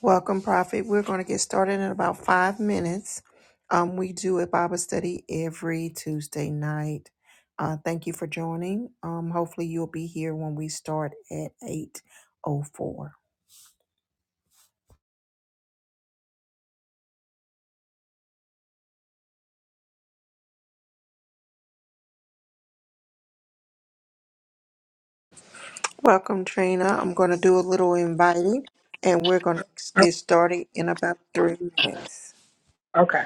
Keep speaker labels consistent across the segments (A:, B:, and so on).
A: Welcome, Prophet. We're going to get started in about five minutes. Um, we do a Bible study every Tuesday night. Uh, thank you for joining. Um, hopefully, you'll be here when we start at eight oh four. Welcome, Trina. I'm going to do a little inviting, and we're going to
B: Oh,
A: get started in about three minutes.
B: Okay.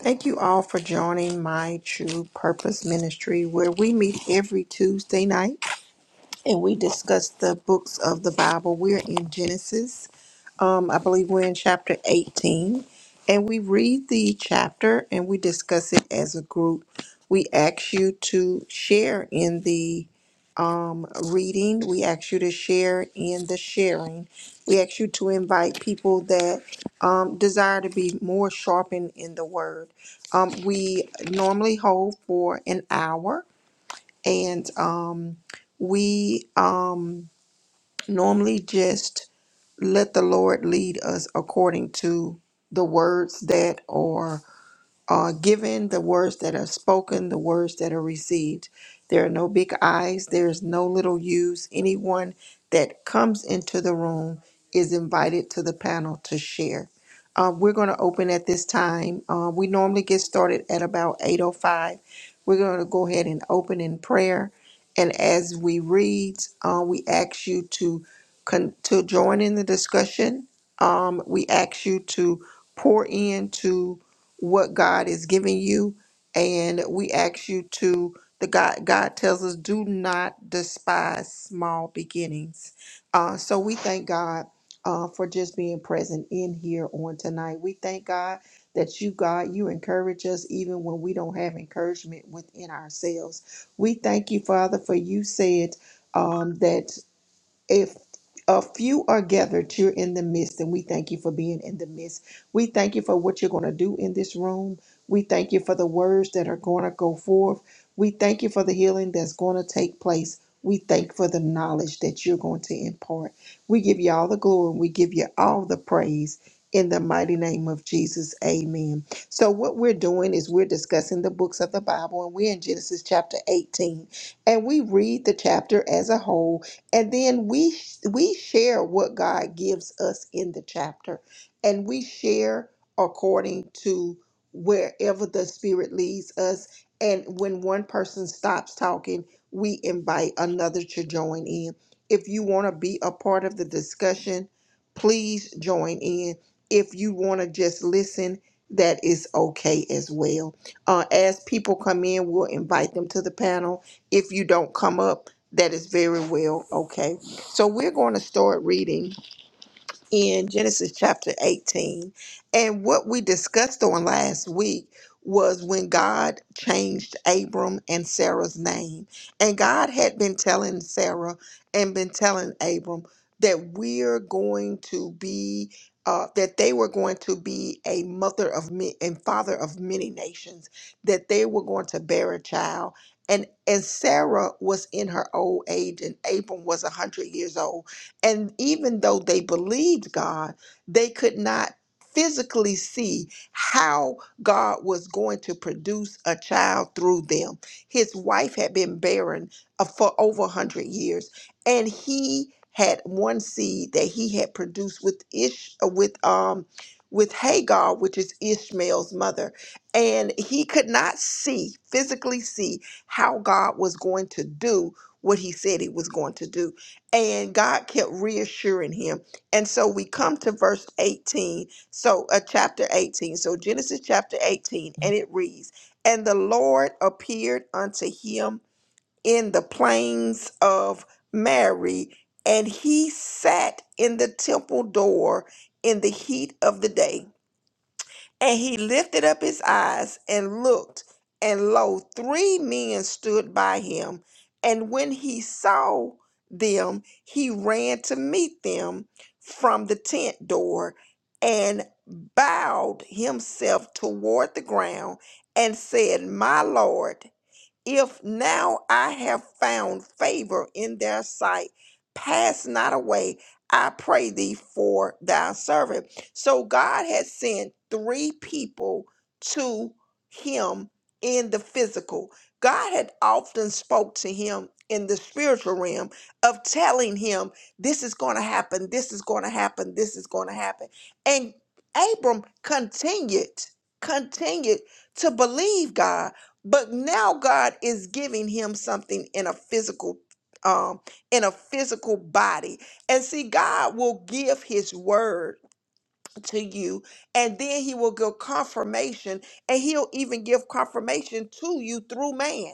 A: Thank you all for joining my True Purpose Ministry, where we meet every Tuesday night and we discuss the books of the Bible. We're in Genesis. Um, I believe we're in chapter 18, and we read the chapter and we discuss it as a group. We ask you to share in the um, reading, we ask you to share in the sharing, we ask you to invite people that um, desire to be more sharpened in the word. Um, we normally hold for an hour, and um, we um, normally just let the Lord lead us according to the words that are uh, given, the words that are spoken, the words that are received. There are no big I's, there's no little U's. Anyone that comes into the room is invited to the panel to share. Uh, we're going to open at this time. Uh, we normally get started at about 8.05. We're going to go ahead and open in prayer. And as we read, uh, we ask you to, con- to join in the discussion. Um, we ask you to pour into what God is giving you. And we ask you to, the God, God tells us, do not despise small beginnings. Uh, so we thank God uh, for just being present in here on tonight. We thank God that you, God, you encourage us even when we don't have encouragement within ourselves. We thank you, Father, for you said um, that if a few are gathered, you're in the midst, and we thank you for being in the midst. We thank you for what you're going to do in this room. We thank you for the words that are going to go forth. We thank you for the healing that's going to take place. We thank for the knowledge that you're going to impart. We give you all the glory and we give you all the praise in the mighty name of Jesus. Amen. So, what we're doing is we're discussing the books of the Bible, and we're in Genesis chapter 18, and we read the chapter as a whole and then we we share what God gives us in the chapter and we share according to wherever the spirit leads us and when one person stops talking we invite another to join in if you want to be a part of the discussion please join in if you want to just listen that is okay as well uh, as people come in we'll invite them to the panel if you don't come up that is very well. Okay. So we're going to start reading in Genesis chapter 18. And what we discussed on last week was when God changed Abram and Sarah's name. And God had been telling Sarah and been telling Abram that we're going to be. Uh, that they were going to be a mother of men and father of many nations, that they were going to bear a child. And and Sarah was in her old age, and Abram was a hundred years old and even though they believed God, they could not physically see how God was going to produce a child through them. His wife had been barren uh, for over 100 years, and he had one seed that he had produced with Ish uh, with um with Hagar, which is Ishmael's mother, and he could not see physically see how God was going to do what he said he was going to do and God kept reassuring him. And so we come to verse 18, so uh, chapter 18, so Genesis chapter 18, and it reads, And the Lord appeared unto him in the plains of Mary, and he sat in the temple door in the heat of the day and he lifted up his eyes and looked, and lo, three men stood by him. And when he saw them, he ran to meet them from the tent door and bowed himself toward the ground and said, My Lord. If now I have found favor in their sight, pass not away, I pray thee for thy servant. So God had sent three people to him in the physical. God had often spoke to him in the spiritual realm of telling him this is going to happen, this is going to happen, this is going to happen. And Abram continued, continued to believe God but now God is giving him something in a physical um in a physical body. And see God will give his word to you and then he will give confirmation and he'll even give confirmation to you through man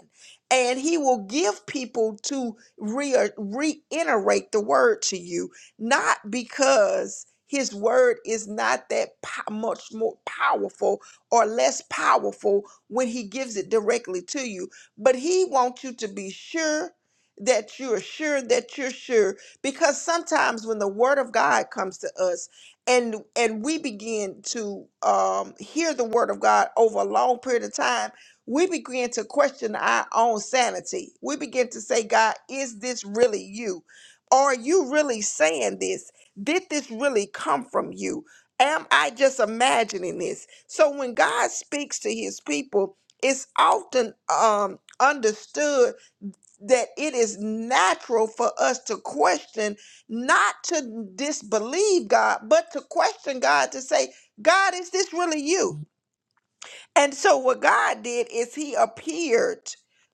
A: and he will give people to re- reiterate the word to you not because his word is not that po- much more powerful or less powerful when he gives it directly to you but he wants you to be sure that you're sure that you're sure because sometimes when the word of god comes to us and and we begin to um, hear the word of God over a long period of time, we begin to question our own sanity. We begin to say, God, is this really you? Are you really saying this? Did this really come from you? Am I just imagining this? So when God speaks to his people, it's often um, understood that it is natural for us to question, not to disbelieve God, but to question God to say, God, is this really you? And so what God did is he appeared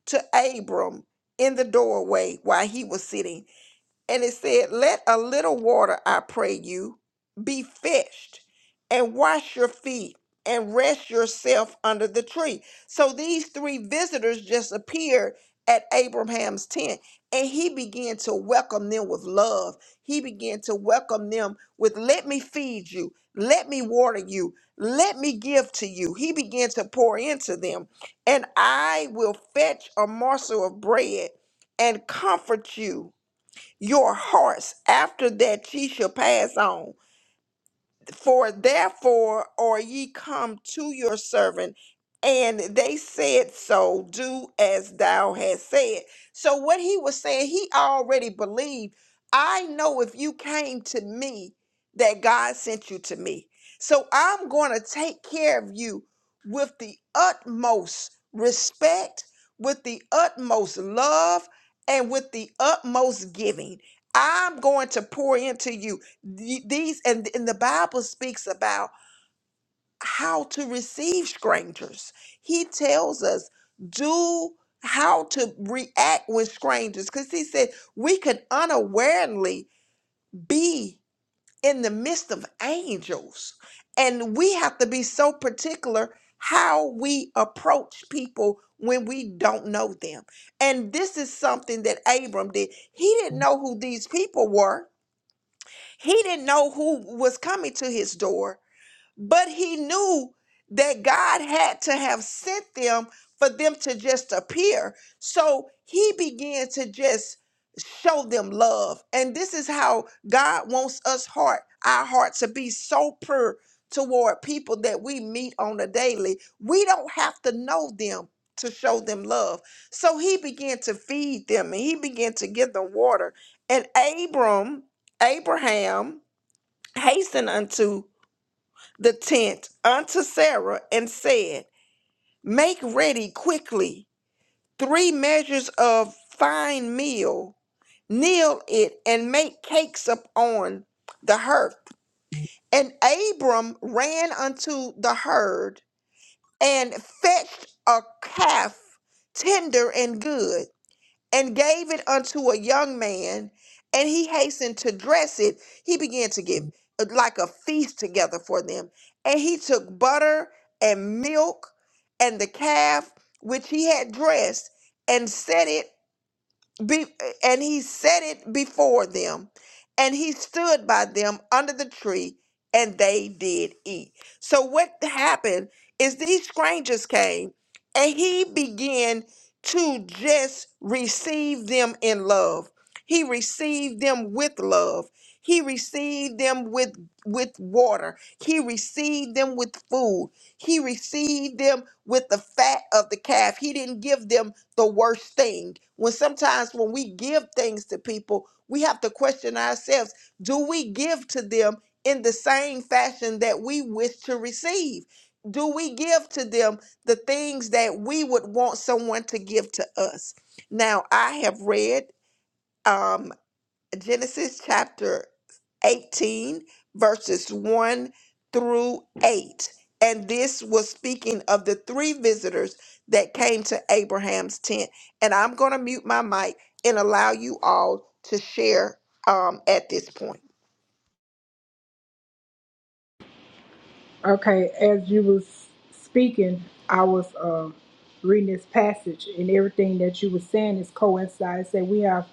A: to Abram in the doorway while he was sitting. And it said, Let a little water, I pray you, be fetched, and wash your feet, and rest yourself under the tree. So these three visitors just appeared at Abraham's tent, and he began to welcome them with love. He began to welcome them with, Let me feed you, let me water you, let me give to you. He began to pour into them, and I will fetch a morsel of bread and comfort you your hearts. After that, ye shall pass on. For therefore are ye come to your servant, and they said so, do as thou hast said. So, what he was saying, he already believed. I know if you came to me, that God sent you to me. So, I'm going to take care of you with the utmost respect, with the utmost love, and with the utmost giving. I'm going to pour into you. Th- these and, and the bible speaks about how to receive strangers he tells us do how to react with strangers because he said we could unawarely be in the midst of angels and we have to be so particular how we approach people when we don't know them and this is something that abram did he didn't know who these people were he didn't know who was coming to his door but he knew that God had to have sent them for them to just appear. So he began to just show them love. And this is how God wants us heart, our heart to be so pure toward people that we meet on a daily. We don't have to know them to show them love. So he began to feed them and he began to give them water. And Abram, Abraham hastened unto the tent unto Sarah and said, Make ready quickly three measures of fine meal, knead it, and make cakes upon the hearth. And Abram ran unto the herd and fetched a calf tender and good and gave it unto a young man, and he hastened to dress it. He began to get uh, like a feast together for them. And he took butter and milk and the calf which he had dressed and set it be, and he set it before them, and he stood by them under the tree, and they did eat. So, what happened is these strangers came, and he began to just receive them in love. He received them with love. He received them with, with water. He received them with food. He received them with the fat of the calf. He didn't give them the worst thing. When sometimes when we give things to people, we have to question ourselves do we give to them in the same fashion that we wish to receive? Do we give to them the things that we would want someone to give to us? Now, I have read. um, Genesis chapter 18, verses 1 through 8. And this was speaking of the three visitors that came to Abraham's tent. And I'm going to mute my mic and allow you all to share um, at this point.
B: Okay. As you was speaking, I was uh, reading this passage, and everything that you were saying is coincides that we have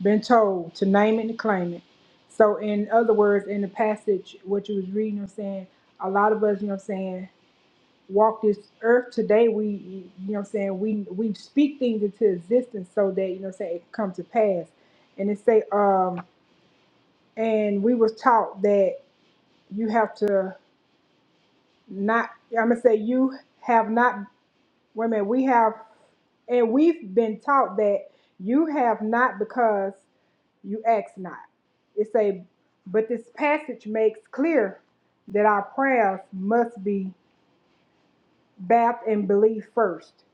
B: been told to name it and claim it. So, in other words, in the passage, what you was reading, I'm saying a lot of us, you know, what I'm saying walk this earth today. We, you know, what I'm saying we we speak things into existence so that you know, what I'm saying it come to pass. And it say, um, and we was taught that you have to. not I'm gonna say you have not wait a minute, we have and we've been taught that you have not because you ask not. It's a but this passage makes clear that our prayers must be bathed in belief first.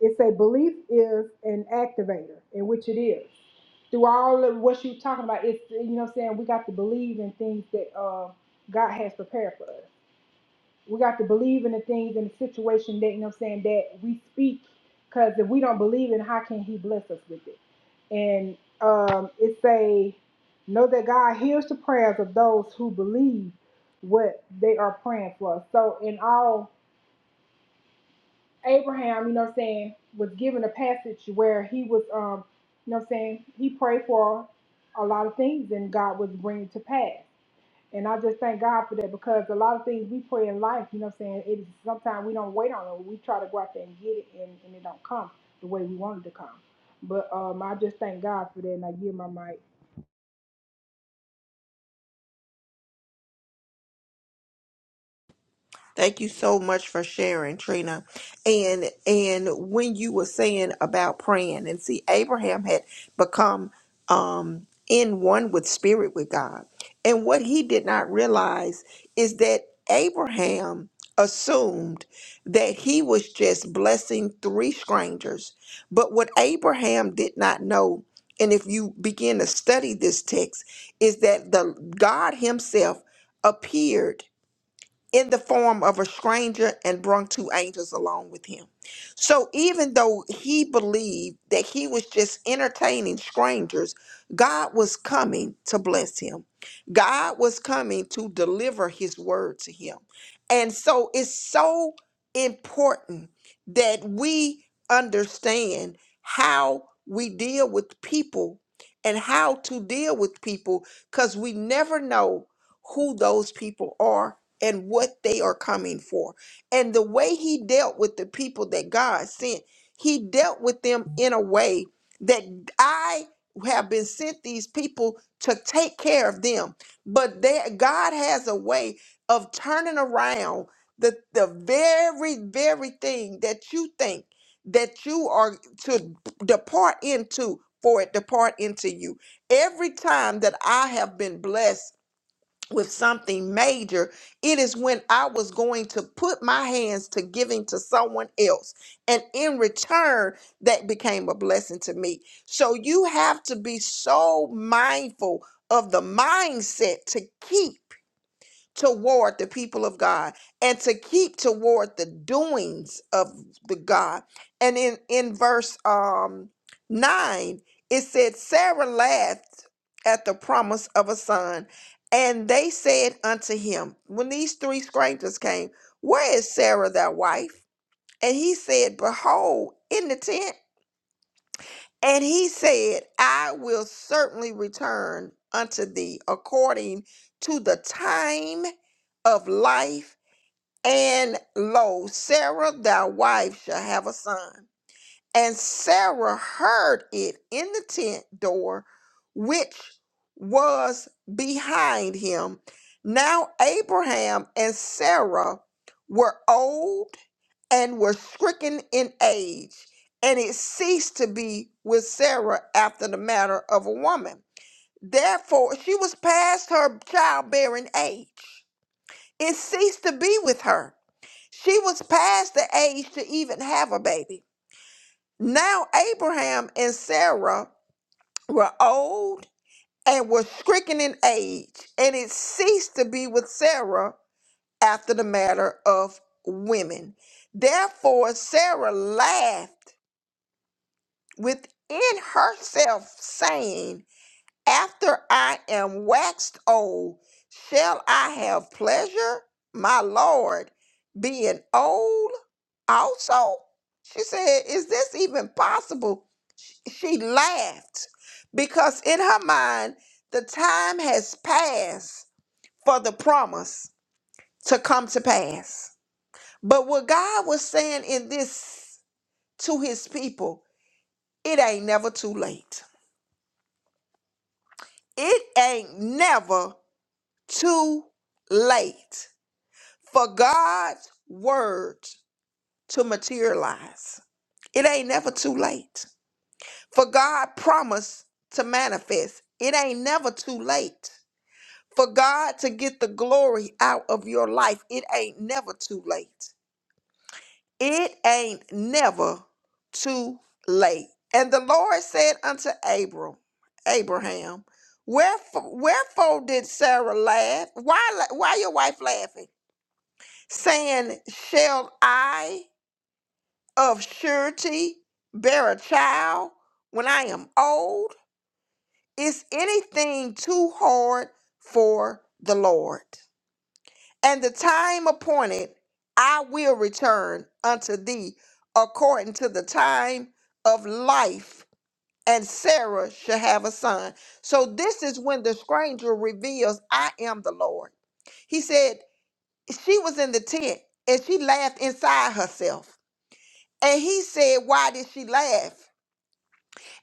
B: It's a belief is an activator, in which it is. Through all of what you're talking about, it's you know what I'm saying we got to believe in things that uh, God has prepared for us. We got to believe in the things and the situation that you know what I'm saying that we speak. Cause if we don't believe it, how can he bless us with it? And um, it say, know that God hears the prayers of those who believe what they are praying for. So in all Abraham, you know what I'm saying, was given a passage where he was um, you know what I'm saying, he prayed for a lot of things and God was bringing to pass. And I just thank God for that because a lot of things we pray in life, you know what I'm saying? It is sometimes we don't wait on it. We try to go out there and get it and, and it don't come the way we want it to come. But um, I just thank God for that and I give my mic.
A: Thank you so much for sharing, Trina. And and when you were saying about praying, and see, Abraham had become um in one with spirit with God. And what he did not realize is that Abraham assumed that he was just blessing three strangers. But what Abraham did not know, and if you begin to study this text, is that the God Himself appeared in the form of a stranger and brung two angels along with him. So even though he believed that he was just entertaining strangers, God was coming to bless him. God was coming to deliver his word to him. And so it's so important that we understand how we deal with people and how to deal with people because we never know who those people are and what they are coming for. And the way he dealt with the people that God sent, he dealt with them in a way that I have been sent these people to take care of them. But that God has a way of turning around the, the very, very thing that you think that you are to depart into for it depart into you. Every time that I have been blessed with something major, it is when I was going to put my hands to giving to someone else. And in return, that became a blessing to me. So you have to be so mindful of the mindset to keep toward the people of God and to keep toward the doings of the God. And in in verse um 9 it said Sarah laughed at the promise of a son and they said unto him when these three strangers came where is Sarah thy wife and he said behold in the tent and he said, I will certainly return unto thee according to the time of life. And lo, Sarah, thy wife, shall have a son. And Sarah heard it in the tent door, which was behind him. Now Abraham and Sarah were old and were stricken in age, and it ceased to be with Sarah after the manner of a woman. Therefore, she was past her childbearing age. It ceased to be with her. She was past the age to even have a baby. Now Abraham and Sarah were old and were stricken in age, and it ceased to be with Sarah after the matter of women. Therefore Sarah laughed within herself, saying, after I am waxed old, shall I have pleasure, my Lord, being old also? She said, Is this even possible? Sh- She laughed because in her mind, the time has passed for the promise to come to pass. But what God was saying in this to his people, it ain't never too late. It ain't never too late for God's word to materialize. It ain't never too late. For God promise to manifest. It ain't never too late. For God to get the glory out of your life, it ain't never too late. It ain't never too late. And the Lord said unto Abram, Abraham, wherefore, wherefore did Sarah laugh? Why, la- why your wife laughing? saying, Shall I of surety bear a child when I am old? Is anything too hard for the Lord? And the time appointed, I will return unto thee according to the time of life, and Sarah shall have a son. So this is when the stranger reveals, I am the Lord. He said, She was in the tent and she laughed inside herself And he said, Why did she laugh?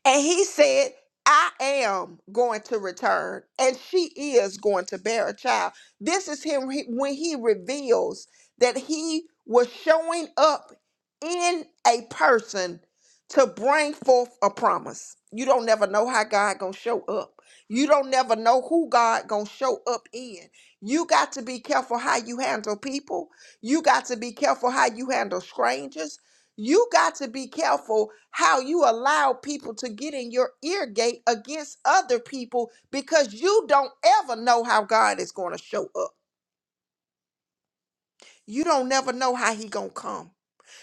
A: And he said, I am going to return, and she is going to bear a child. This is him he- when he reveals that he was showing up in a person to bring forth a promise. You don't never know how God gonna show up. You don't never know who God gonna show up in. You got to be careful how you handle people. You got to be careful how you handle strangers. You got to be careful how you allow people to get in your ear gate against other people because you don't ever know how God is going to show up. You don't never know how he going to come.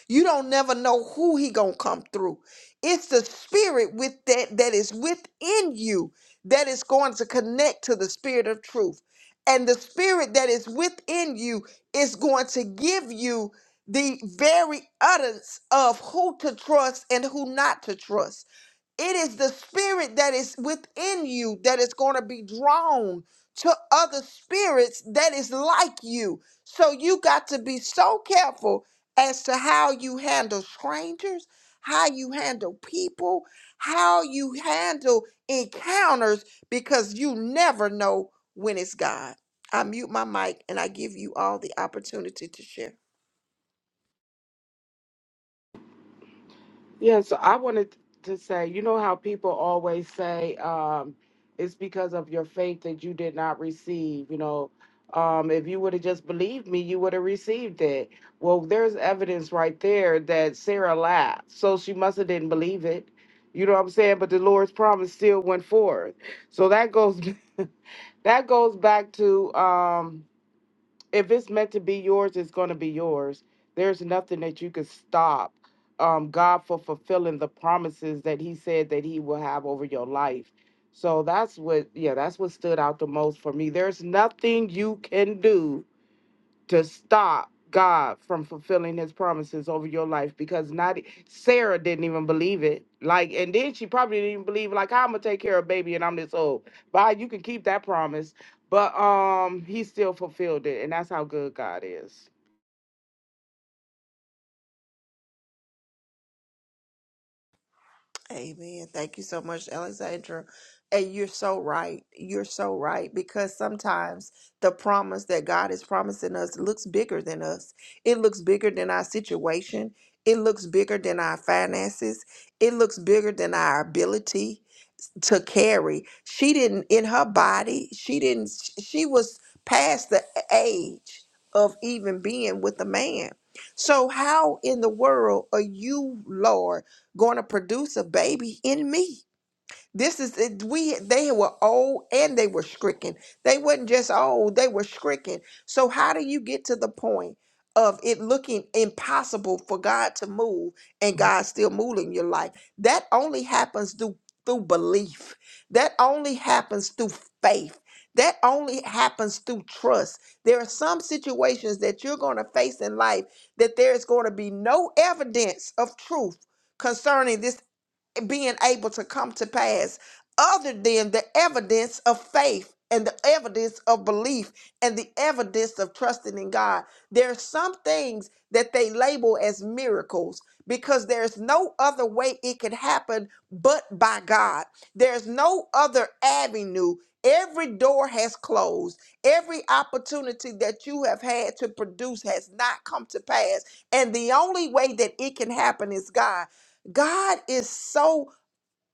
A: You don't never know who he gonna come through. It's the spirit with that that is within you that is going to connect to the spirit of truth. And the spirit that is within you is going to give you the very utterance of who to trust and who not to trust. It is the spirit that is within you that is going to be drawn to other spirits that is like you. So you got to be so careful as to how you handle strangers, how you handle people, how you handle encounters, because you never know when it's God. I mute my mic and I give you all the opportunity to share.
C: Yeah, so I wanted to say, you know how people always say um, it's because of your faith that you did not receive. You know, um, if you would have just believed me, you would have received it. Well, there's evidence right there that Sarah laughed, so she must have didn't believe it. You know what I'm saying? But the Lord's promise still went forth. So that goes that goes back to. Um, if it's meant to be yours, it's going to be yours. There's nothing that you can stop um, God for fulfilling the promises that He said that He will have over your life. So that's what, yeah, that's what stood out the most for me. There's nothing you can do to stop God from fulfilling his promises over your life because not e, Sarah didn't even believe it. Like, and then she probably didn't even believe, like, I'm gonna take care of baby and I'm this old. But you can keep that promise. But um he still fulfilled it, and that's how good God is.
A: Amen. Thank you so much, Alexandra. And you're so right. You're so right because sometimes the promise that God is promising us looks bigger than us. It looks bigger than our situation. It looks bigger than our finances. It looks bigger than our ability to carry. She didn't in her body. She didn't. She was past the age of even being with a man. So how in the world are you, Lord, going to produce a baby in me? This is it, we they were old and they were stricken. They wasn't just old, they were stricken. So how do you get to the point of it looking impossible for God to move and God still moving your life? That only happens through through belief. That only happens through faith. That only happens through trust. There are some situations that you're going to face in life that there is going to be no evidence of truth concerning this being able to come to pass other than the evidence of faith and the evidence of belief and the evidence of trusting in God. There are some things that they label as miracles because there's no other way it could happen but by God. There's no other avenue. Every door has closed. Every opportunity that you have had to produce has not come to pass. And the only way that it can happen is God. God is so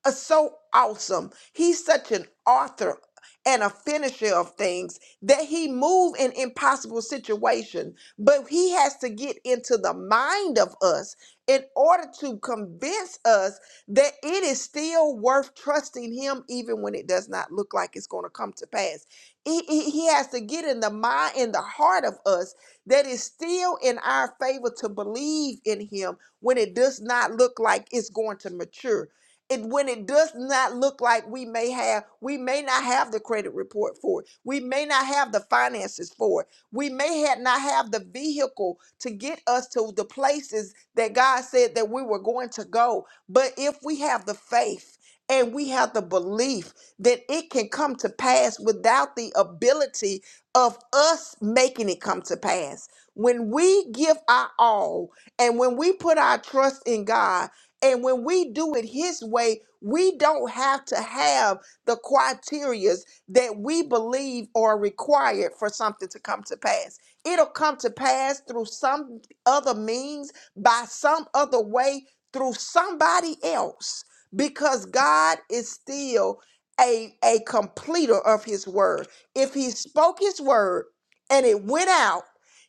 A: are so awesome. He's such an author and a finisher of things that he move in impossible situation, but he has to get into the mind of us in order to convince us that it is still worth trusting him even when it does not look like it's going to come to pass. He, he he has to get in the mind in the heart of us that is still in our favor to believe in him when it does not look like it's going to mature it when it does not look like we may have we may not have the credit report for it we may not have the finances for it we may have not have the vehicle to get us to the places that god said that we were going to go but if we have the faith and we have the belief that it can come to pass without the ability of us making it come to pass when we give our all and when we put our trust in god and when we do it His way, we don't have to have the criterias that we believe are required for something to come to pass. It'll come to pass through some other means, by some other way, through somebody else, because God is still a, a completer of His word. If He spoke His word and it went out,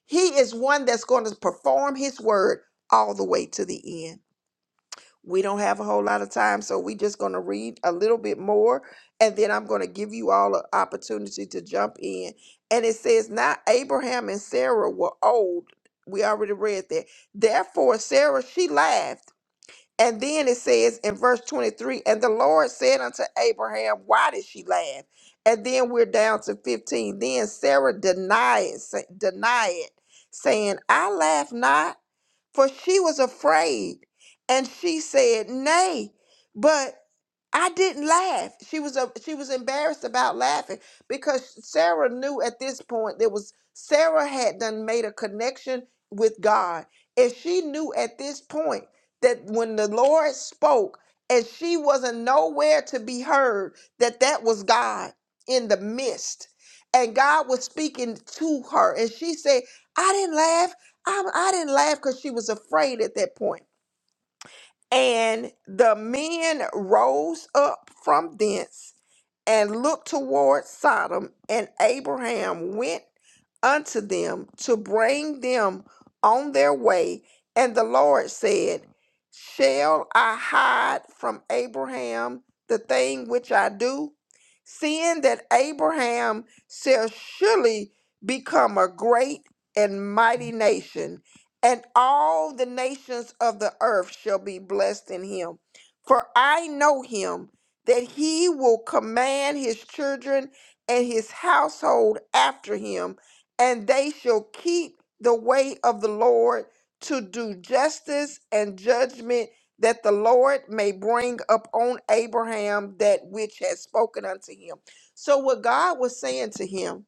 A: He is one that's going to perform His word all the way to the end. We don't have a whole lot of time, so we're just going to read a little bit more, and then I'm going to give you all an opportunity to jump in. And it says, Now Abraham and Sarah were old. We already read that. Therefore, Sarah, she laughed. And then it says in verse 23, And the Lord said unto Abraham, Why did she laugh? And then we're down to 15. Then Sarah denied, sa- denied saying, I laugh not for she was afraid. And she said, Nay, but I didn't laugh. She was a, she was embarrassed about laughing because Sarah knew at this point there was Sarah had done made a connection with God. And she knew at this point that when the Lord spoke and she wasn't nowhere to be heard, that that was God in the midst. And God was speaking to her. And she said, I didn't laugh. I, I didn't laugh because she was afraid at that point. And the men rose up from thence and looked toward Sodom, and Abraham went unto them to bring them on their way. And the Lord said, Shall I hide from Abraham the thing which I do? Seeing that Abraham shall surely become a great and mighty nation and all the nations of the earth shall be blessed in him. For I know him that he will command his children and his household after him, and they shall keep the way of the Lord to do justice and judgment, that the Lord may bring upon Abraham that which has spoken unto him. So, what God was saying to him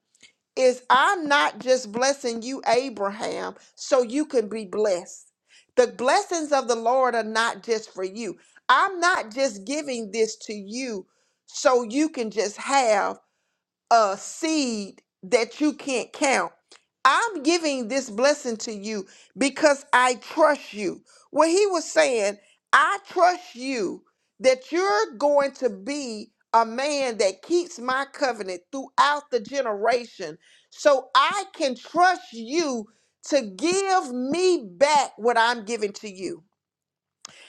A: is I'm not just blessing you, Abraham, so you can be blessed. The blessings of the Lord are not just for you. I'm not just giving this to you so you can just have a seed that you can't count. I'm giving this blessing to you because I trust you. What he was saying, I trust you that you're going to be a man that keeps my covenant throughout the generation. So I can trust you to give me back what I'm giving to you.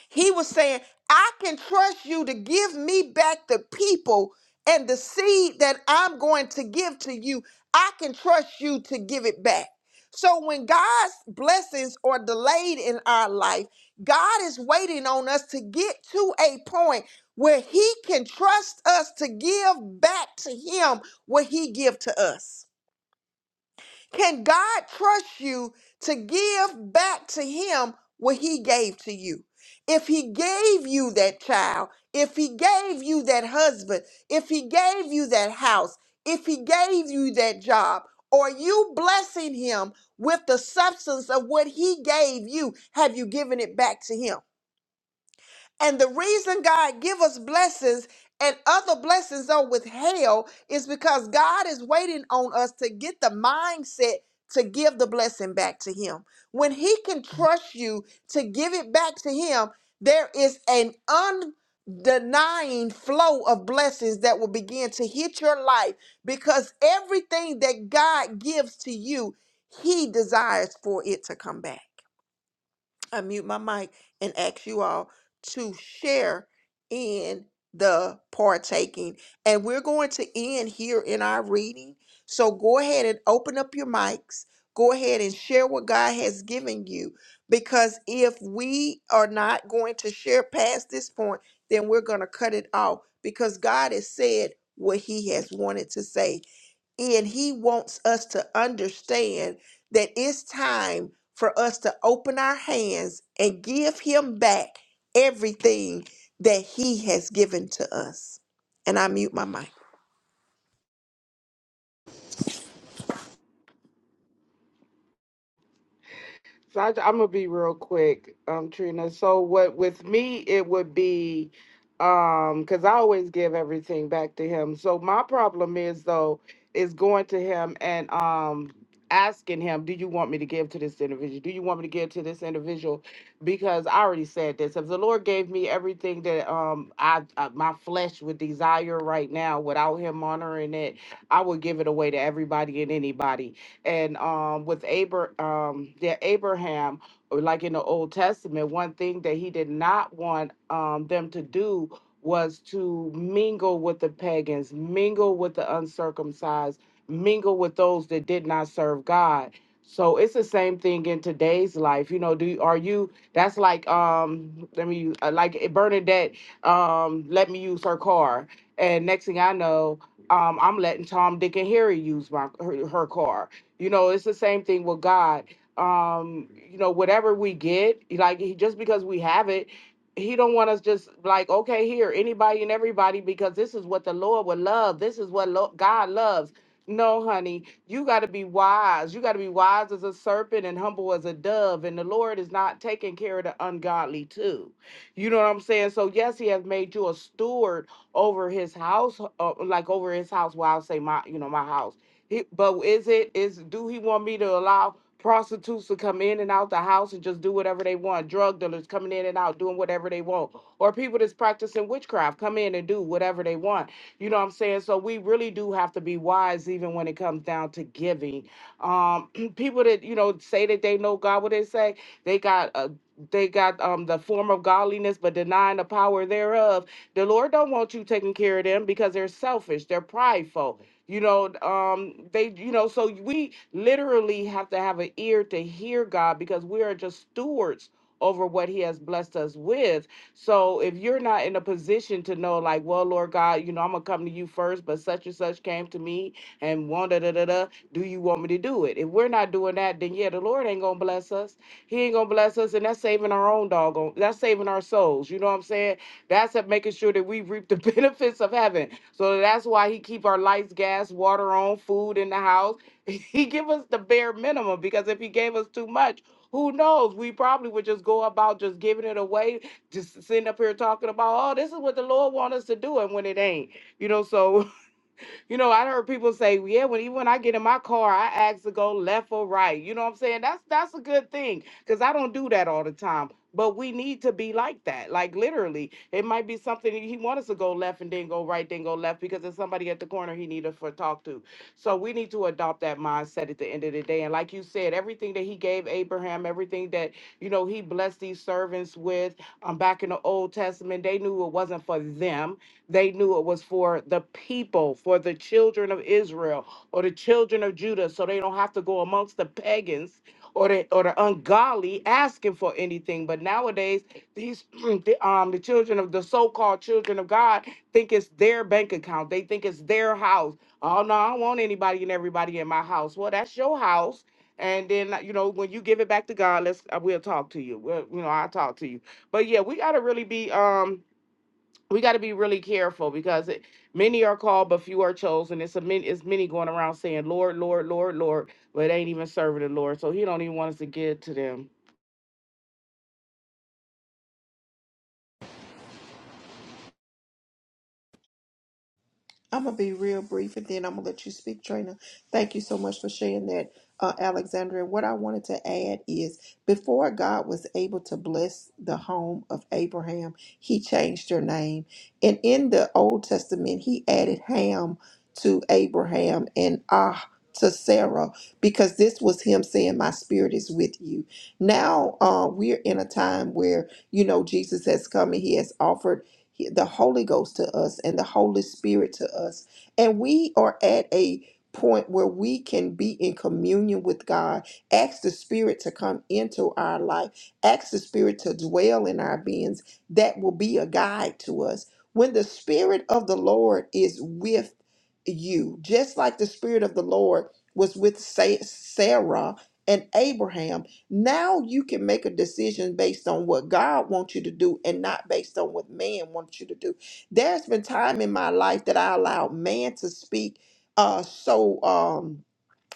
A: He was saying, I can trust you to give me back the people and the seed that I'm going to give to you. I can trust you to give it back. So when God's blessings are delayed in our life, God is waiting on us to get to a point where he can trust us to give back to him what he give to us. Can God trust you to give back to him what he gave to you? If he gave you that child, if he gave you that husband, if he gave you that house, if he gave you that job, or you blessing him with the substance of what he gave you, have you given it back to him? And the reason God give us blessings and other blessings are withheld is because God is waiting on us to get the mindset to give the blessing back to him. When he can trust you to give it back to him, there is an undenying flow of blessings that will begin to hit your life because everything that God gives to you, he desires for it to come back unmute my mic and ask you all to share in the partaking. And we're going to end here in our reading. So go ahead and open up your mics. Go ahead and share what God has given you. Because if we are not going to share past this point, then we're going to cut it off because God has said what he has wanted to say. And he wants us to understand that it's time for us to open our hands and give him back everything that he has given to us. And I mute my mic.
C: So I, am gonna be real quick, um, Trina. So what with me it would be, um, because I always give everything back to him. So my problem is though is going to him and um asking him, do you want me to give to this individual? Do you want me to give to this individual? Because I already said this. If the Lord gave me everything that um I, I my flesh would desire right now without Him honoring it, I would give it away to everybody and anybody and um, with Abra- um, yeah, Abraham, or like in the Old Testament, one thing that he did not want um, them to do was to mingle with the pagans, mingle with the uncircumcised, mingle with those that did not serve God. So it's the same thing in today's life. You know, do are you that's like um let me uh, like eh, Bernadette um let me use her car and next thing I know um I'm letting Tom Dick and Harry use my her, her car you know, it's the same thing with God. Um, you know, whatever we get, like he, just because we have it, he don't want us just like okay here anybody and everybody because this is what the Lord would love. This is what lo- God loves. No, honey, you got to be wise. You got to be wise as a serpent and humble as a dove. And the Lord is not taking care of the ungodly too. You know what I'm saying? So yes, He has made you a steward over His house, uh, like over His house. Well, I'll say my, you know, my house he, but is it is do he want me to allow prostitutes to come in and out the house and just do whatever they want? Drug dealers coming in and out doing whatever they want, or people that's practicing witchcraft come in and do whatever they want. You know what I'm saying? So we really do have to be wise, even when it comes down to giving. Um, people that you know say that they know God, what they say, they got a they got um the form of godliness but denying the power thereof the lord don't want you taking care of them because they're selfish they're prideful you know um they you know so we literally have to have an ear to hear god because we are just stewards over what he has blessed us with so if you're not in a position to know like well lord god you know i'm gonna come to you first but such and such came to me and wanted da da da da, do you want me to do it if we're not doing that then yeah the lord ain't gonna bless us he ain't gonna bless us and that's saving our own doggone that's saving our souls you know what i'm saying that's at making sure that we reap the benefits of heaven. So that's why he keep our lights, gas, water on, food in the house. He give us the bare minimum because if he gave us too much, who knows? We probably would just go about just giving it away, just sitting up here talking about, oh, this is what the Lord want us to do, and when it ain't, you know. So you know, I heard people say, "Yeah, when even when I get in my car, I ask to go left or right." You know what I'm saying? That's that's a good thing because I don't do that all the time. But we need to be like that. Like literally, it might be something that he wants us to go left and then go right, then go left because there's somebody at the corner he needed for talk to. So we need to adopt that mindset at the end of the day. And like you said, everything that he gave Abraham, everything that you know he blessed these servants with, um, back in the Old Testament, they knew it wasn't for them they knew it was for the people, for the children of Israel or the children of Judah, so they don't have to go amongst the pagans or the or the ungodly asking for anything. But nowadays, these the, um the children of the so-called children of God think it's their bank account. They think it's their house. Oh no, I don't want anybody and everybody in my house. Well, that's your house. And then uh, you know when you give it back to God, let's uh, we'll talk to you. We'll, you know I'll talk to you. But yeah, we gotta really be um we got to be really careful because it, many are called but few are chosen it's a many it's many going around saying lord lord lord lord but ain't even serving the lord so he don't even want us to get to them
A: I'm gonna be real brief, and then I'm gonna let you speak, Trina. Thank you so much for sharing that, uh, Alexandra. And what I wanted to add is, before God was able to bless the home of Abraham, He changed their name, and in the Old Testament, He added Ham to Abraham and Ah to Sarah because this was Him saying, "My spirit is with you." Now uh, we're in a time where you know Jesus has come and He has offered he- the Holy Ghost to us and the Holy Spirit to us. And we are at a point where we can be in communion with God. Ask the Spirit to come into our life, ask the Spirit to dwell in our beings. That will be a guide to us. When the Spirit of the Lord is with you, just like the Spirit of the Lord was with Sa- Sarah and Abraham now you can make a decision based on what God wants you to do and not based on what man wants you to do. There's been time in my life that I allowed man to speak uh so um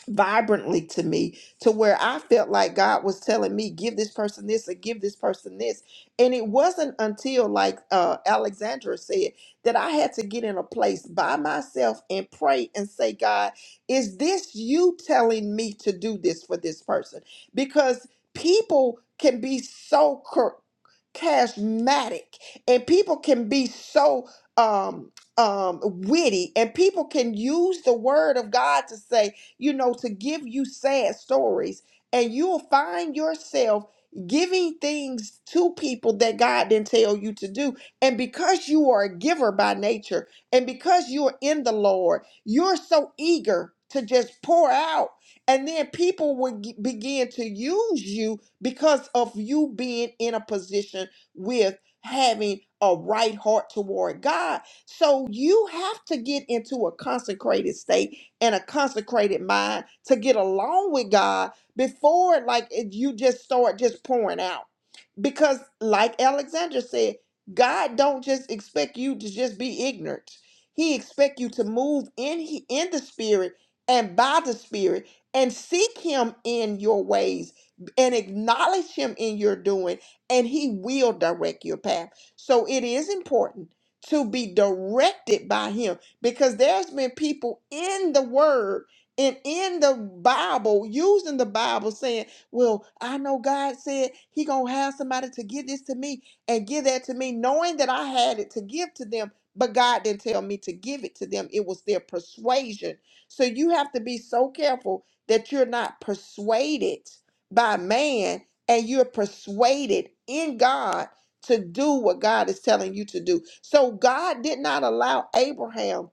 A: vibrantly to me to where I felt like God was telling me, give this person this or give this person this. And it wasn't until, like uh, Alexandra said, that I had to get in a place by myself and pray and say, God, is this you telling me to do this for this person? Because people can be so cur- charismatic and people can be so um um witty and people can use the word of God to say you know, to give you sad stories. And you'll find yourself giving things to people that God didn't tell you to do. And because you are a giver by nature, and because you're in the Lord, you're so eager to just pour out. And then people would g- begin to use you because of you being in a position with having a right heart toward God. So you have to get into a consecrated state and a consecrated mind to get along with God before like it, you just start just pouring out because like alexandra said god don't just expect you to just be ignorant he expect you to move in he- in the spirit and by the spirit and seek him in your ways and acknowledge him in your doing and he will direct your path so it is important to be directed by him because there's been people in the word and in the bible using the bible saying well, I know God said he gonna have somebody to give this to me and give that to me, knowing that I had it to give to them, but God didn't tell me to give it to them. It was their persuasion. So you have to be so careful that you're not persuaded by man and you're persuaded in God to do what God is telling you to do. So God did not allow Abraham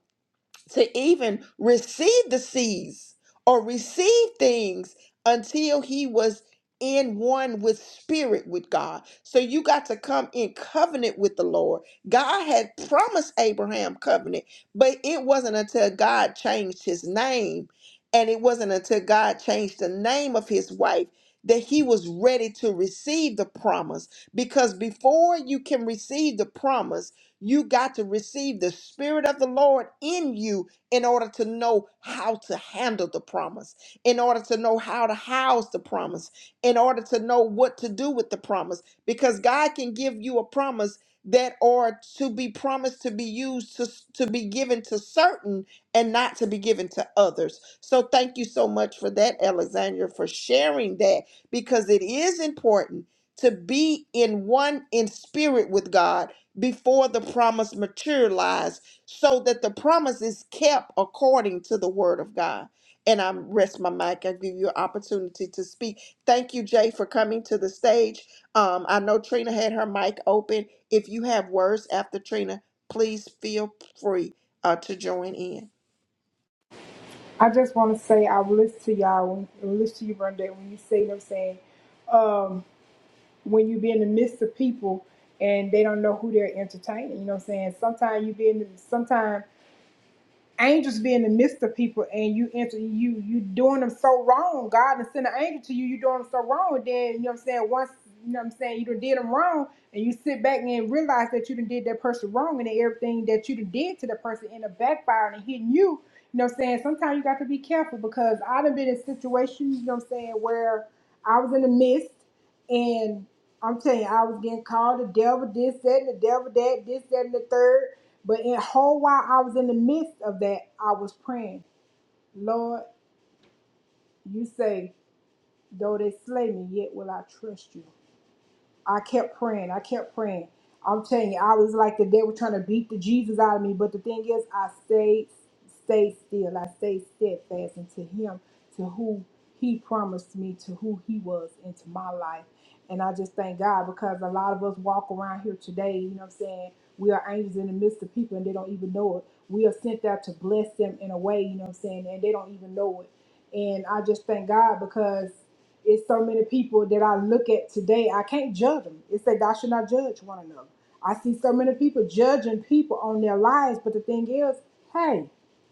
A: to even receive the seeds or receive things until he was in one with spirit with God. So you got to come in covenant with the Lord. God had promised Abraham covenant, but it wasn't until God changed his name and it wasn't until God changed the name of his wife that he was ready to receive the promise because before you can receive the promise you got to receive the Spirit of the Lord in you in order to know how to handle the promise, in order to know how to house the promise, in order to know what to do with the promise, because God can give you a promise that are to be promised to be used to, to be given to certain and not to be given to others. So thank you so much for that, Alexandra, for sharing that because it is important to be in one in spirit with God before the promise materialized so that the promise is kept according to the word of God. And I rest my mic. I give you an opportunity to speak. Thank you, Jay, for coming to the stage. Um, I know Trina had her mic open. If you have words after Trina, please feel free uh, to join in.
B: I just want to say I will listen to y'all when I will listen to you Bernadette when you say you know what I'm saying. Um, when you be in the midst of people and they don't know who they're entertaining, you know what I'm saying? Sometimes you be in sometimes angels be in the midst of people and you enter you you doing them so wrong. God and send an angel to you, you doing them so wrong, and then you know what I'm saying, once you know what I'm saying, you done did them wrong and you sit back and realize that you done did that person wrong and then everything that you done did to that person end up backfiring and hitting you. You know what I'm saying? Sometimes you got to be careful because I done been in situations, you know what I'm saying, where I was in the midst and I'm telling you, I was getting called the devil this, that, and the devil that, this, that, and the third. But in whole while I was in the midst of that, I was praying, Lord, you say, though they slay me, yet will I trust you. I kept praying. I kept praying. I'm telling you, I was like the devil trying to beat the Jesus out of me. But the thing is, I stayed, stayed still. I stayed steadfast into Him, to who He promised me, to who He was into my life. And I just thank God because a lot of us walk around here today, you know what I'm saying? We are angels in the midst of people and they don't even know it we are sent out to bless them in a way, you know what I'm saying? And they don't even know it. And I just thank God because it's so many people that I look at today, I can't judge them. It's said, God should not judge one another. I see so many people judging people on their lives, but the thing is, hey,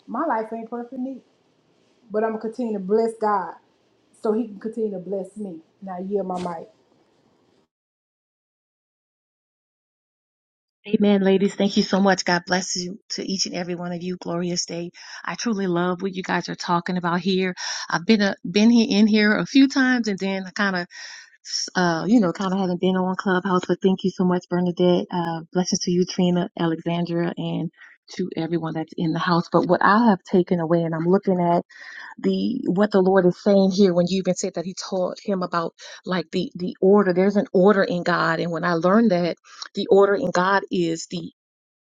B: my life ain't perfect, neat, but I'm gonna continue to bless God so He can continue to bless me. Now, yield my mic.
D: Amen, ladies. Thank you so much. God bless you to each and every one of you. Glorious day. I truly love what you guys are talking about here. I've been a, been here in here a few times, and then I kind of, uh, you know, kind of haven't been on Clubhouse. But thank you so much, Bernadette. Uh, blessings to you, Trina, Alexandra, and to everyone that's in the house. But what I have taken away, and I'm looking at the what the Lord is saying here when you even said that He taught him about like the the order. There's an order in God, and when I learned that the order in God is the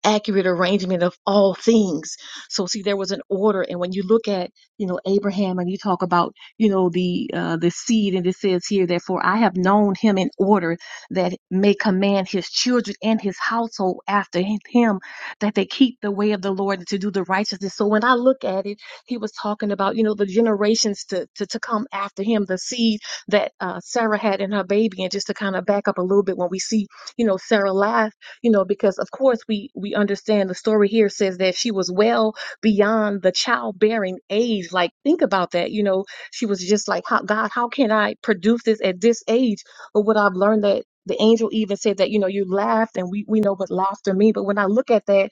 D: accurate arrangement of all things. So see, there was an order, and when you look at you know Abraham, and you talk about you know the uh, the seed, and it says here, therefore I have known him in order that may command his children and his household after him that they keep the way of the Lord and to do the righteousness. So when I look at it, he was talking about you know the generations to to, to come after him, the seed that uh, Sarah had in her baby, and just to kind of back up a little bit, when we see you know Sarah life you know because of course we we understand the story here says that she was well beyond the childbearing age like think about that you know she was just like how god how can i produce this at this age but what i've learned that the angel even said that you know you laughed and we we know what laughter means. but when i look at that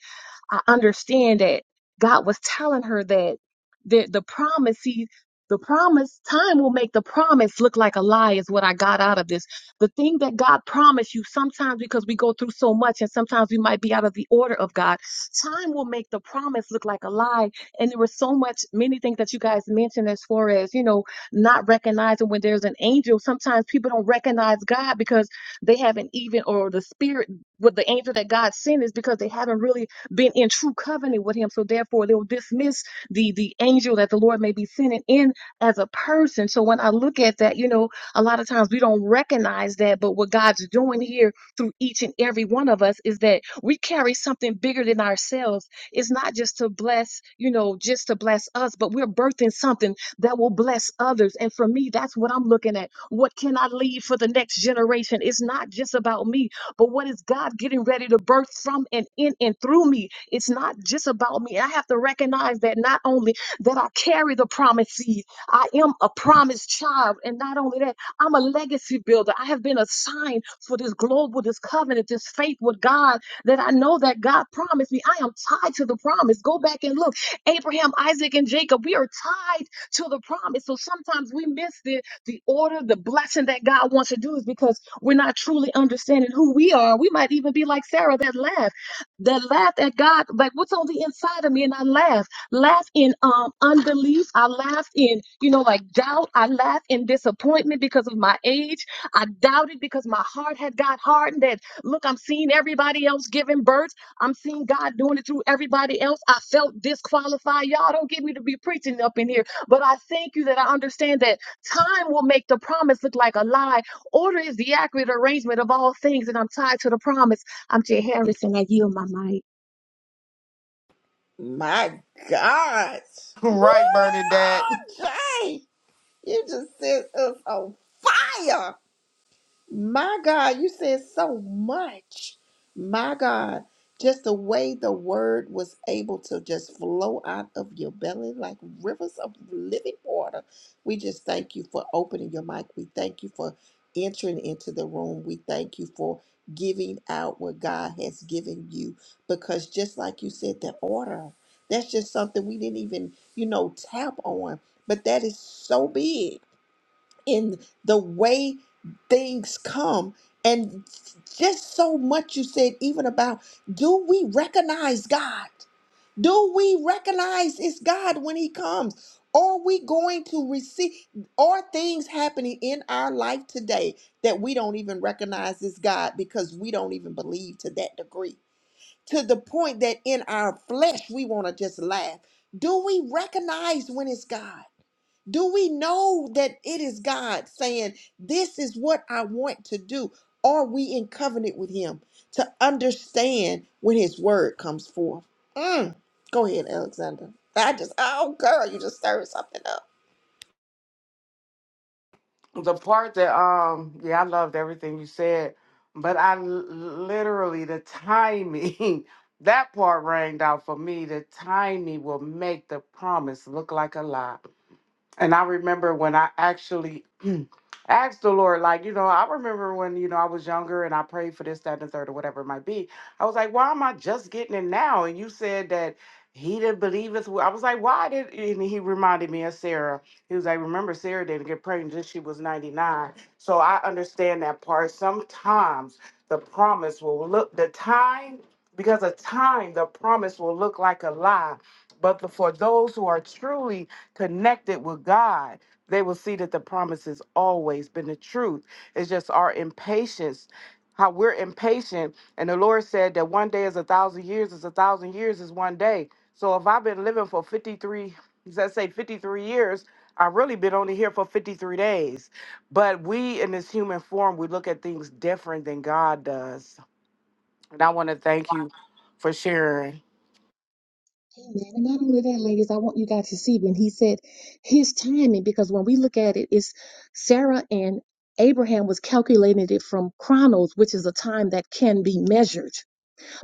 D: I understand that God was telling her that the, the promise, see, the promise, time will make the promise look like a lie, is what I got out of this. The thing that God promised you, sometimes because we go through so much and sometimes we might be out of the order of God, time will make the promise look like a lie. And there were so much, many things that you guys mentioned as far as, you know, not recognizing when there's an angel. Sometimes people don't recognize God because they haven't even, or the spirit, with the angel that God sent is because they haven't really been in true covenant with him. So therefore, they'll dismiss the the angel that the Lord may be sending in as a person. So when I look at that, you know, a lot of times we don't recognize that, but what God's doing here through each and every one of us is that we carry something bigger than ourselves. It's not just to bless, you know, just to bless us, but we're birthing something that will bless others. And for me, that's what I'm looking at. What can I leave for the next generation? It's not just about me but what is God getting ready to birth from and in and through me? It's not just about me. I have to recognize that not only that I carry the promised seed, I am a promised child. And not only that, I'm a legacy builder. I have been assigned for this global, this covenant, this faith with God that I know that God promised me. I am tied to the promise. Go back and look. Abraham, Isaac, and Jacob, we are tied to the promise. So sometimes we miss it the order, the blessing that God wants to do is because we're not truly understanding who we are. We might even be like Sarah that laughed, that laughed at God, like what's on the inside of me, and I laughed, laughed in um unbelief, I laughed in you know like doubt, I laughed in disappointment because of my age, I doubted because my heart had got hardened. That look, I'm seeing everybody else giving birth, I'm seeing God doing it through everybody else. I felt disqualified. Y'all don't get me to be preaching up in here, but I thank you that I understand that Time will make the promise look like a lie. Order is the accurate arrangement of all things, and I'm tied to the promise. I'm Jay Harrison. I yield my mic.
A: My God. Woo,
C: right, Bernadette.
A: Jay, you just set us on fire. My God, you said so much. My God, just the way the word was able to just flow out of your belly like rivers of living water. We just thank you for opening your mic. We thank you for entering into the room. We thank you for giving out what God has given you because just like you said, the order, that's just something we didn't even, you know, tap on, but that is so big in the way things come and just so much you said even about do we recognize god do we recognize it's god when he comes are we going to receive are things happening in our life today that we don't even recognize is god because we don't even believe to that degree to the point that in our flesh we want to just laugh do we recognize when it's god do we know that it is God saying, This is what I want to do? Are we in covenant with Him to understand when His word comes forth? Mm. Go ahead, Alexander. I just, oh, girl, you just stirred something up.
C: the part that um yeah i loved everything you said but i l- literally the timing that part rang out for me the timing will make the promise look like a lie And I remember when I actually asked the Lord, like, you know, I remember when, you know, I was younger and I prayed for this, that, and the third, or whatever it might be. I was like, why am I just getting it now? And you said that he didn't believe us. I was like, why did, and he reminded me of Sarah. He was like, remember, Sarah didn't get pregnant until she was 99. So I understand that part. Sometimes the promise will look, the time, because of time, the promise will look like a lie. But the, for those who are truly connected with God, they will see that the promise has always been the truth. It's just our impatience, how we're impatient. And the Lord said that one day is a thousand years, is a thousand years is one day. So if I've been living for 53, let's say 53 years, I've really been only here for 53 days. But we in this human form, we look at things different than God does. And I want to thank you for sharing.
D: Amen. And not only that, ladies, I want you guys to see when he said his timing, because when we look at it, it's Sarah and Abraham was calculating it from chronos, which is a time that can be measured.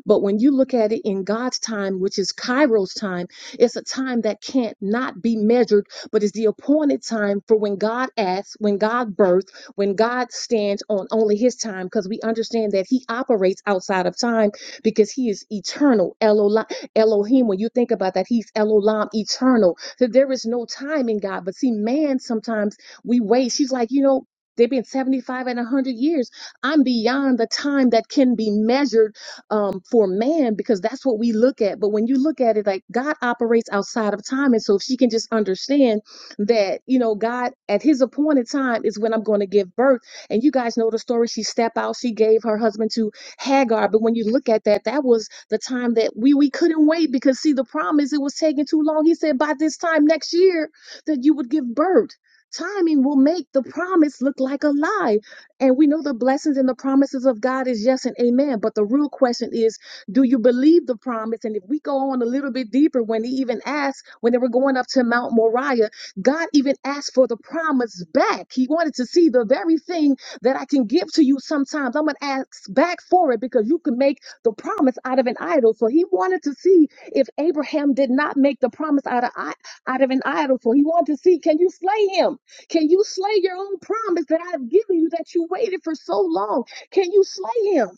D: But when you look at it in God's time, which is Cairo's time, it's a time that can't not be measured, but is the appointed time for when God acts, when God births, when God stands on only his time, because we understand that he operates outside of time because he is eternal. Elohim, Elohim, when you think about that, he's Elohim, eternal. So there is no time in God. But see, man, sometimes we wait. She's like, you know, they've been 75 and 100 years. I'm beyond the time that can be measured um, for man because that's what we look at. But when you look at it, like God operates outside of time. And so if she can just understand that, you know, God at his appointed time is when I'm going to give birth. And you guys know the story. She stepped out, she gave her husband to Hagar. But when you look at that, that was the time that we we couldn't wait because see the problem is it was taking too long. He said by this time next year that you would give birth. Timing will make the promise look like a lie. And we know the blessings and the promises of God is yes and amen. But the real question is, do you believe the promise? And if we go on a little bit deeper, when they even asked, when they were going up to Mount Moriah, God even asked for the promise back. He wanted to see the very thing that I can give to you sometimes. I'm going to ask back for it because you can make the promise out of an idol. So he wanted to see if Abraham did not make the promise out of, i- out of an idol. So he wanted to see, can you slay him? Can you slay your own promise that I've given you that you waited for so long? Can you slay him?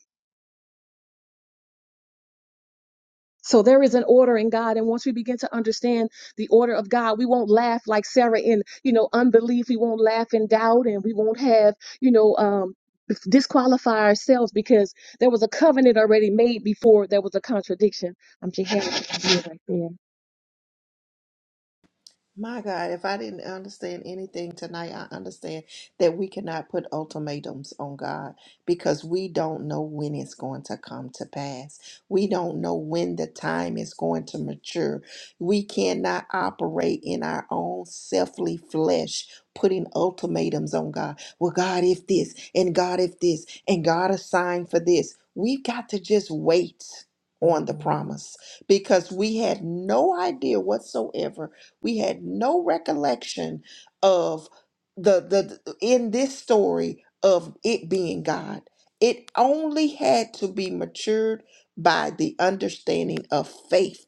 D: So there is an order in God. And once we begin to understand the order of God, we won't laugh like Sarah in, you know, unbelief. We won't laugh in doubt and we won't have, you know, um, disqualify ourselves because there was a covenant already made before there was a contradiction. I'm jihadist right there.
A: My God, if I didn't understand anything tonight, I understand that we cannot put ultimatums on God because we don't know when it's going to come to pass. We don't know when the time is going to mature. We cannot operate in our own selfly flesh, putting ultimatums on God. Well, God, if this, and God, if this, and God, a sign for this. We've got to just wait on the promise because we had no idea whatsoever we had no recollection of the the the- in this story of it being God. It only had to be matured by the understanding of faith.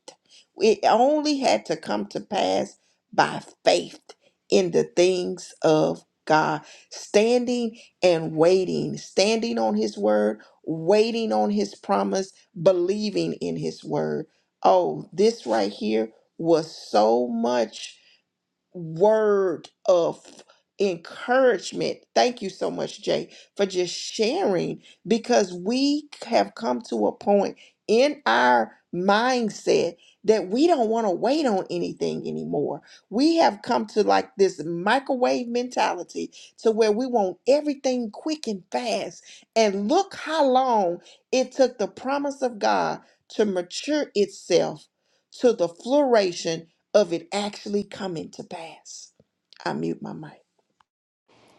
A: It only had to come to pass by faith in the things of God, standing and waiting, standing on His word, waiting on His promise, believing in His word. Oh, this right here was so much word of encouragement. Thank you so much, Jay, for just sharing because we have come to a point in our mindset that we don't want to wait on anything anymore. We have come to like this microwave mentality to where we want everything quick and fast. And look how long it took the promise of God to mature itself to the flourishing of it actually coming to pass. I mute my mic.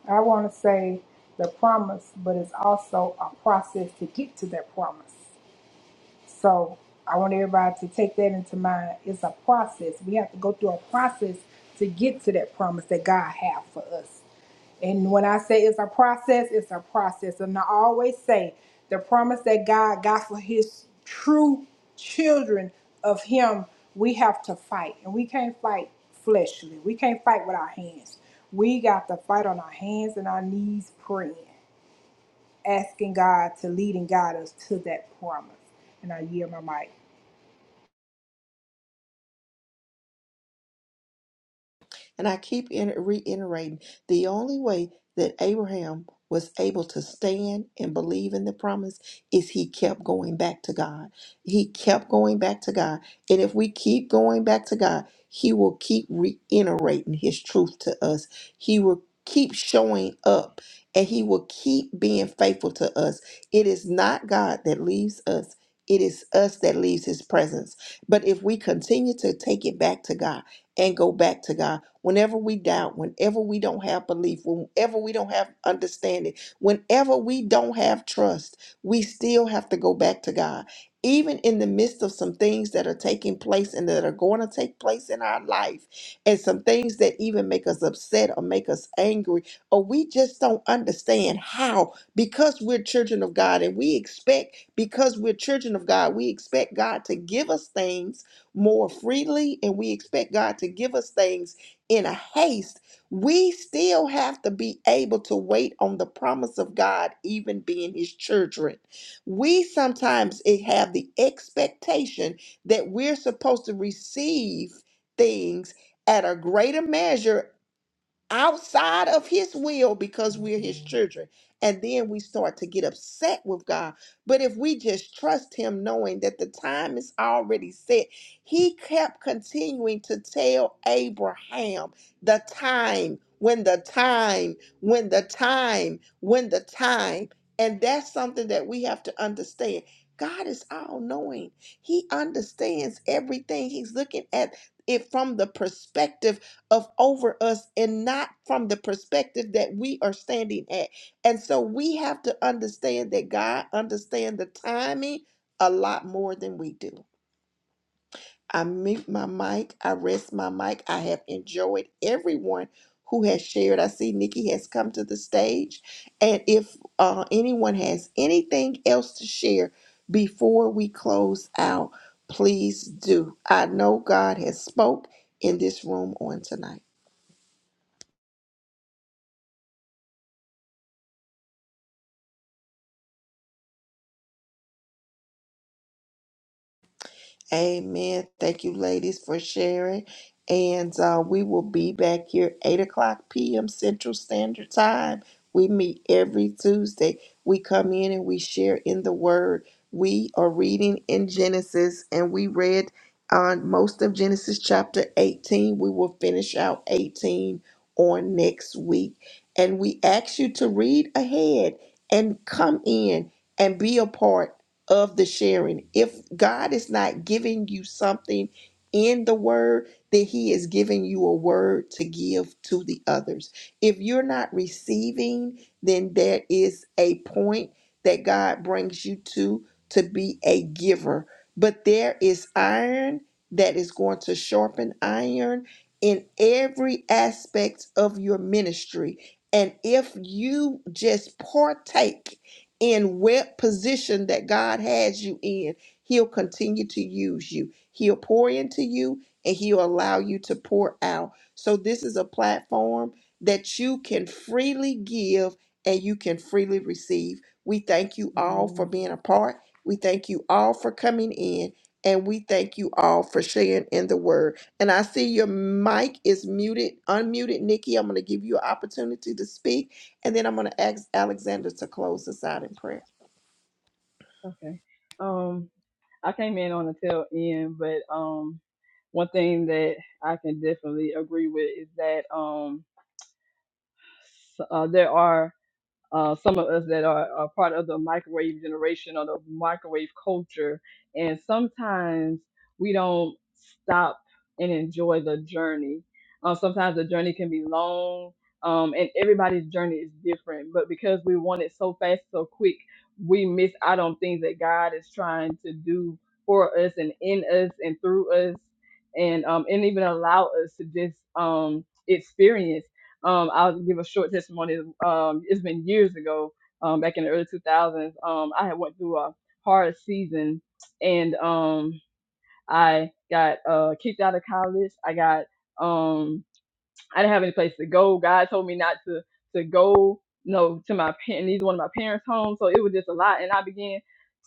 B: I want to say the promise, but it's also a process to get to that promise. So I want everybody to take that into mind. It's a process. We have to go through a process to get to that promise that God has for us. And when I say it's a process, it's a process. And I always say the promise that God got for his true children of him, we have to fight. And we can't fight fleshly. We can't fight with our hands. We got to fight on our hands and our knees praying, asking God to lead and guide us to that promise. And I yield my mic.
A: And I keep in, reiterating the only way that Abraham was able to stand and believe in the promise is he kept going back to God. He kept going back to God. And if we keep going back to God, he will keep reiterating his truth to us. He will keep showing up and he will keep being faithful to us. It is not God that leaves us. It is us that leaves his presence. But if we continue to take it back to God and go back to God, Whenever we doubt, whenever we don't have belief, whenever we don't have understanding, whenever we don't have trust, we still have to go back to God. Even in the midst of some things that are taking place and that are going to take place in our life, and some things that even make us upset or make us angry, or we just don't understand how, because we're children of God and we expect, because we're children of God, we expect God to give us things more freely and we expect God to give us things in a haste, we still have to be able to wait on the promise of God, even being His children. We sometimes eh, have the expectation that we're supposed to receive things at a greater measure outside of his will because we're his children. And then we start to get upset with God. But if we just trust him, knowing that the time is already set, he kept continuing to tell Abraham the time, when the time, when the time, when the time. And that's something that we have to understand. God is all knowing. He understands everything. He's looking at it from the perspective of over us and not from the perspective that we are standing at. And so we have to understand that God understands the timing a lot more than we do. I mute my mic. I rest my mic. I have enjoyed everyone who has shared. I see Nikki has come to the stage. And if uh, anyone has anything else to share before we close out, please do. I know God has spoke in this room on tonight. Amen. Thank you, ladies, for sharing. And uh, we will be back here 8 o'clock p.m. Central Standard Time. We meet every Tuesday. We come in and we share in the Word. We are reading in Genesis, and we read on most of Genesis chapter 18. We will finish out 18 on next week. And we ask you to read ahead and come in and be a part of the sharing. If God is not giving you something in the word, then He is giving you a word to give to the others. If you're not receiving, then there is a point that God brings you to to be a giver. But there is iron that is going to sharpen iron in every aspect of your ministry. And if you just partake, in what position that God has you in, He'll continue to use you. He'll pour into you and He'll allow you to pour out. So, this is a platform that you can freely give and you can freely receive. We thank you all for
E: Amen.
A: being a part. We thank you all for coming in and we thank you all for sharing in the word. And I see your mic is muted, unmuted, Nikki. I'm going to give you an opportunity to speak and then I'm going to ask Alexander to close us out in prayer.
E: Okay. Um, I came in on the tail end, but um, one thing that I can definitely agree with is that um, s- uh, there are uh, some of us that are, are part of the microwave generation or the microwave culture. And sometimes we don't stop and enjoy the journey. Uh, sometimes the journey can be long, um, and everybody's journey is different. But because we want it so fast, so quick, we miss out on things that God is trying to do for us and in us and through us, and um, and even allow us to just um, experience um, I'll give a short testimony. Um, it's been years ago, um, back in the early 2000s. Um, I had went through a hard season, and um, I got uh, kicked out of college. I got um, I didn't have any place to go. God told me not to to go, you know, to my parents, neither one of my parents' home. So it was just a lot, and I began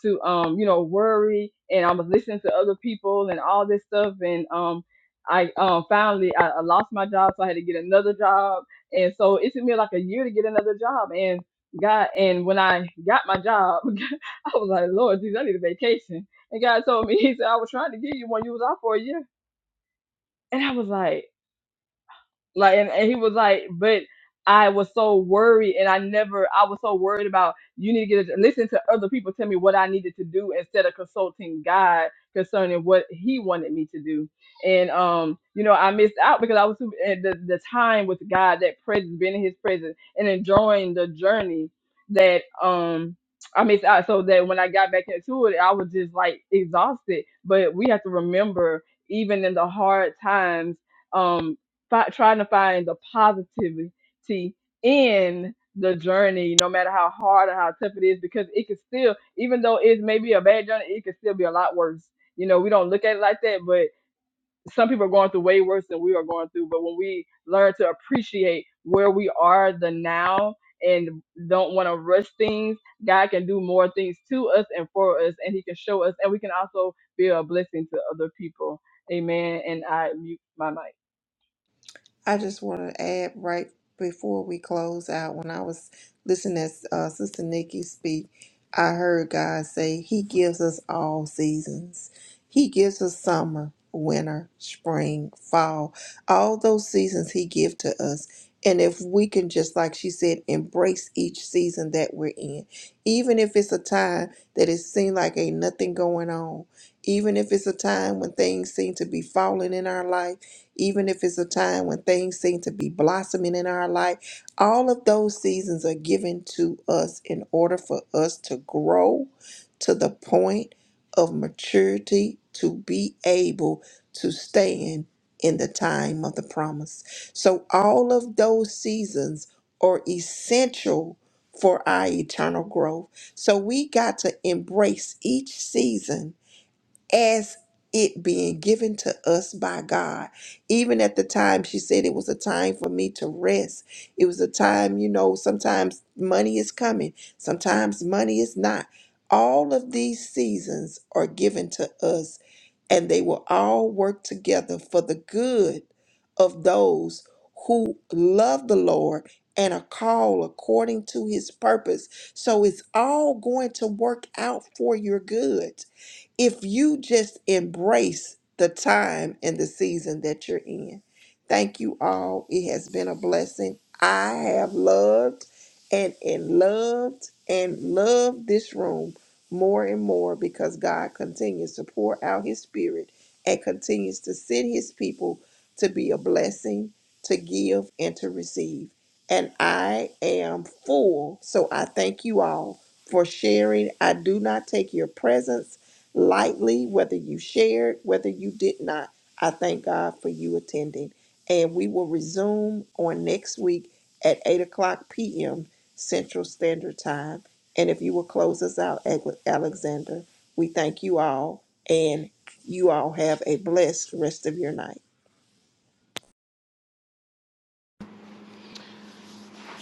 E: to, um, you know, worry, and I was listening to other people and all this stuff, and um, I um finally I, I lost my job, so I had to get another job, and so it took me like a year to get another job, and God, and when I got my job, I was like, Lord, Jesus, I need a vacation, and God told me, He said, I was trying to give you one, you was out for a year, and I was like. Like, and, and he was like, but I was so worried, and I never, I was so worried about you need to get a, listen to other people tell me what I needed to do instead of consulting God concerning what He wanted me to do. And um, you know, I missed out because I was too, and the the time with God, that presence, being in His presence, and enjoying the journey that um. I missed out so that when I got back into it, I was just like exhausted. But we have to remember, even in the hard times, um fi- trying to find the positivity in the journey, no matter how hard or how tough it is, because it could still, even though it's maybe a bad journey, it could still be a lot worse. You know, we don't look at it like that, but some people are going through way worse than we are going through. But when we learn to appreciate where we are, the now, and don't want to rush things, God can do more things to us and for us, and He can show us, and we can also be a blessing to other people. Amen. And I mute my mic.
A: I just want to add right before we close out, when I was listening as uh, Sister Nikki speak, I heard God say, He gives us all seasons. He gives us summer, winter, spring, fall, all those seasons He gives to us. And if we can just, like she said, embrace each season that we're in, even if it's a time that it seems like ain't nothing going on, even if it's a time when things seem to be falling in our life even if it's a time when things seem to be blossoming in our life. All of those seasons are given to us in order for us to grow to the point of maturity to be able to stand in the time of the promise. So, all of those seasons are essential for our eternal growth. So, we got to embrace each season as it being given to us by God. Even at the time, she said it was a time for me to rest. It was a time, you know, sometimes money is coming, sometimes money is not. All of these seasons are given to us, and they will all work together for the good of those who love the Lord and are called according to his purpose. So it's all going to work out for your good if you just embrace the time and the season that you're in. Thank you all. It has been a blessing. I have loved and, and loved and loved this room more and more because God continues to pour out his spirit and continues to send his people to be a blessing, to give, and to receive. And I am full. So I thank you all for sharing. I do not take your presence lightly, whether you shared, whether you did not. I thank God for you attending. And we will resume on next week at 8 o'clock p.m. Central Standard Time. And if you will close us out, Ale- Alexander, we thank you all. And you all have a blessed rest of your night.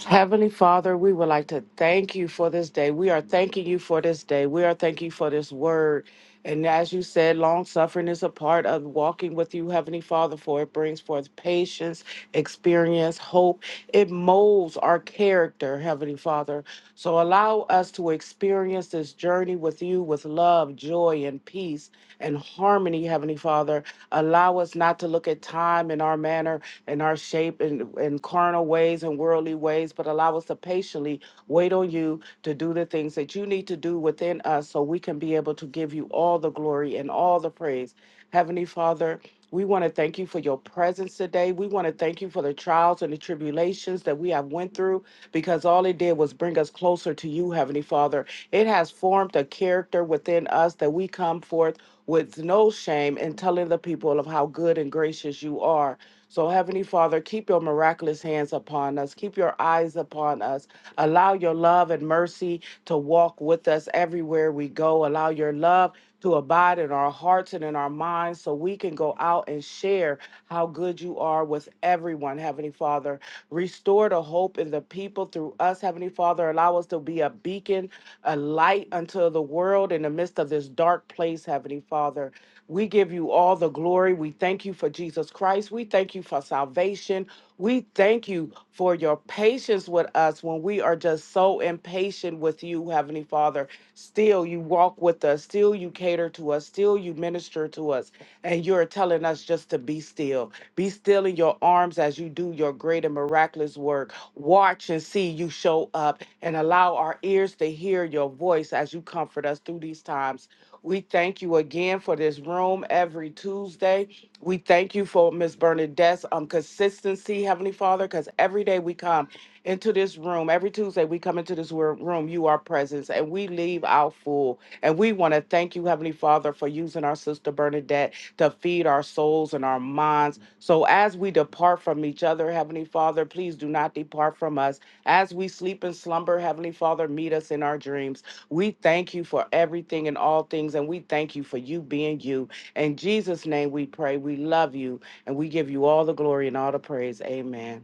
C: Heavenly Father, we would like to thank you for this day. We are thanking you for this day. We are thanking you for this word. And as you said, long suffering is a part of walking with you, Heavenly Father, for it brings forth patience, experience, hope. It molds our character, Heavenly Father. So allow us to experience this journey with you with love, joy, and peace and harmony, Heavenly Father. Allow us not to look at time and our manner and our shape shape, in, in carnal ways and worldly ways, but allow us to patiently wait on you to do the things that you need to do within us so we can be able to give you all the glory and all the praise. Heavenly Father, we want to thank you for your presence today. We want to thank you for the trials and the tribulations that we have went through because all it did was bring us closer to you, Heavenly Father. It has formed a character within us that we come forth with no shame in telling the people of how good and gracious you are. So, Heavenly Father, keep your miraculous hands upon us. Keep your eyes upon us. Allow your love and mercy to walk with us everywhere we go. Allow your love to abide in our hearts and in our minds so we can go out and share how good you are with everyone, Heavenly Father. Restore the hope in the people through us, Heavenly Father. Allow us to be a beacon, a light unto the world in the midst of this dark place, Heavenly Father. We give you all the glory. We thank you for Jesus Christ. We thank you for salvation. We thank you for your patience with us when we are just so impatient with you, Heavenly Father. Still, you walk with us. Still, you cater to us. Still, you minister to us. And you're telling us just to be still. Be still in your arms as you do your great and miraculous work. Watch and see you show up and allow our ears to hear your voice as you comfort us through these times. We thank you again for this room every Tuesday. We thank you for Miss Bernadette's um, consistency, Heavenly Father, because every day we come into this room, every Tuesday we come into this wor- room, you are present, and we leave out full. And we want to thank you, Heavenly Father, for using our sister Bernadette to feed our souls and our minds. So as we depart from each other, Heavenly Father, please do not depart from us as we sleep and slumber, Heavenly Father, meet us in our dreams. We thank you for everything and all things, and we thank you for you being you. In Jesus' name we pray. We love you, and we give you all the glory and all the praise. Amen.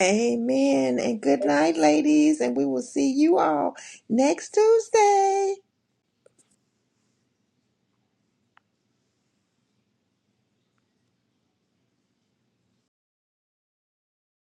A: Amen. And good night, ladies. And we will see you all next Tuesday.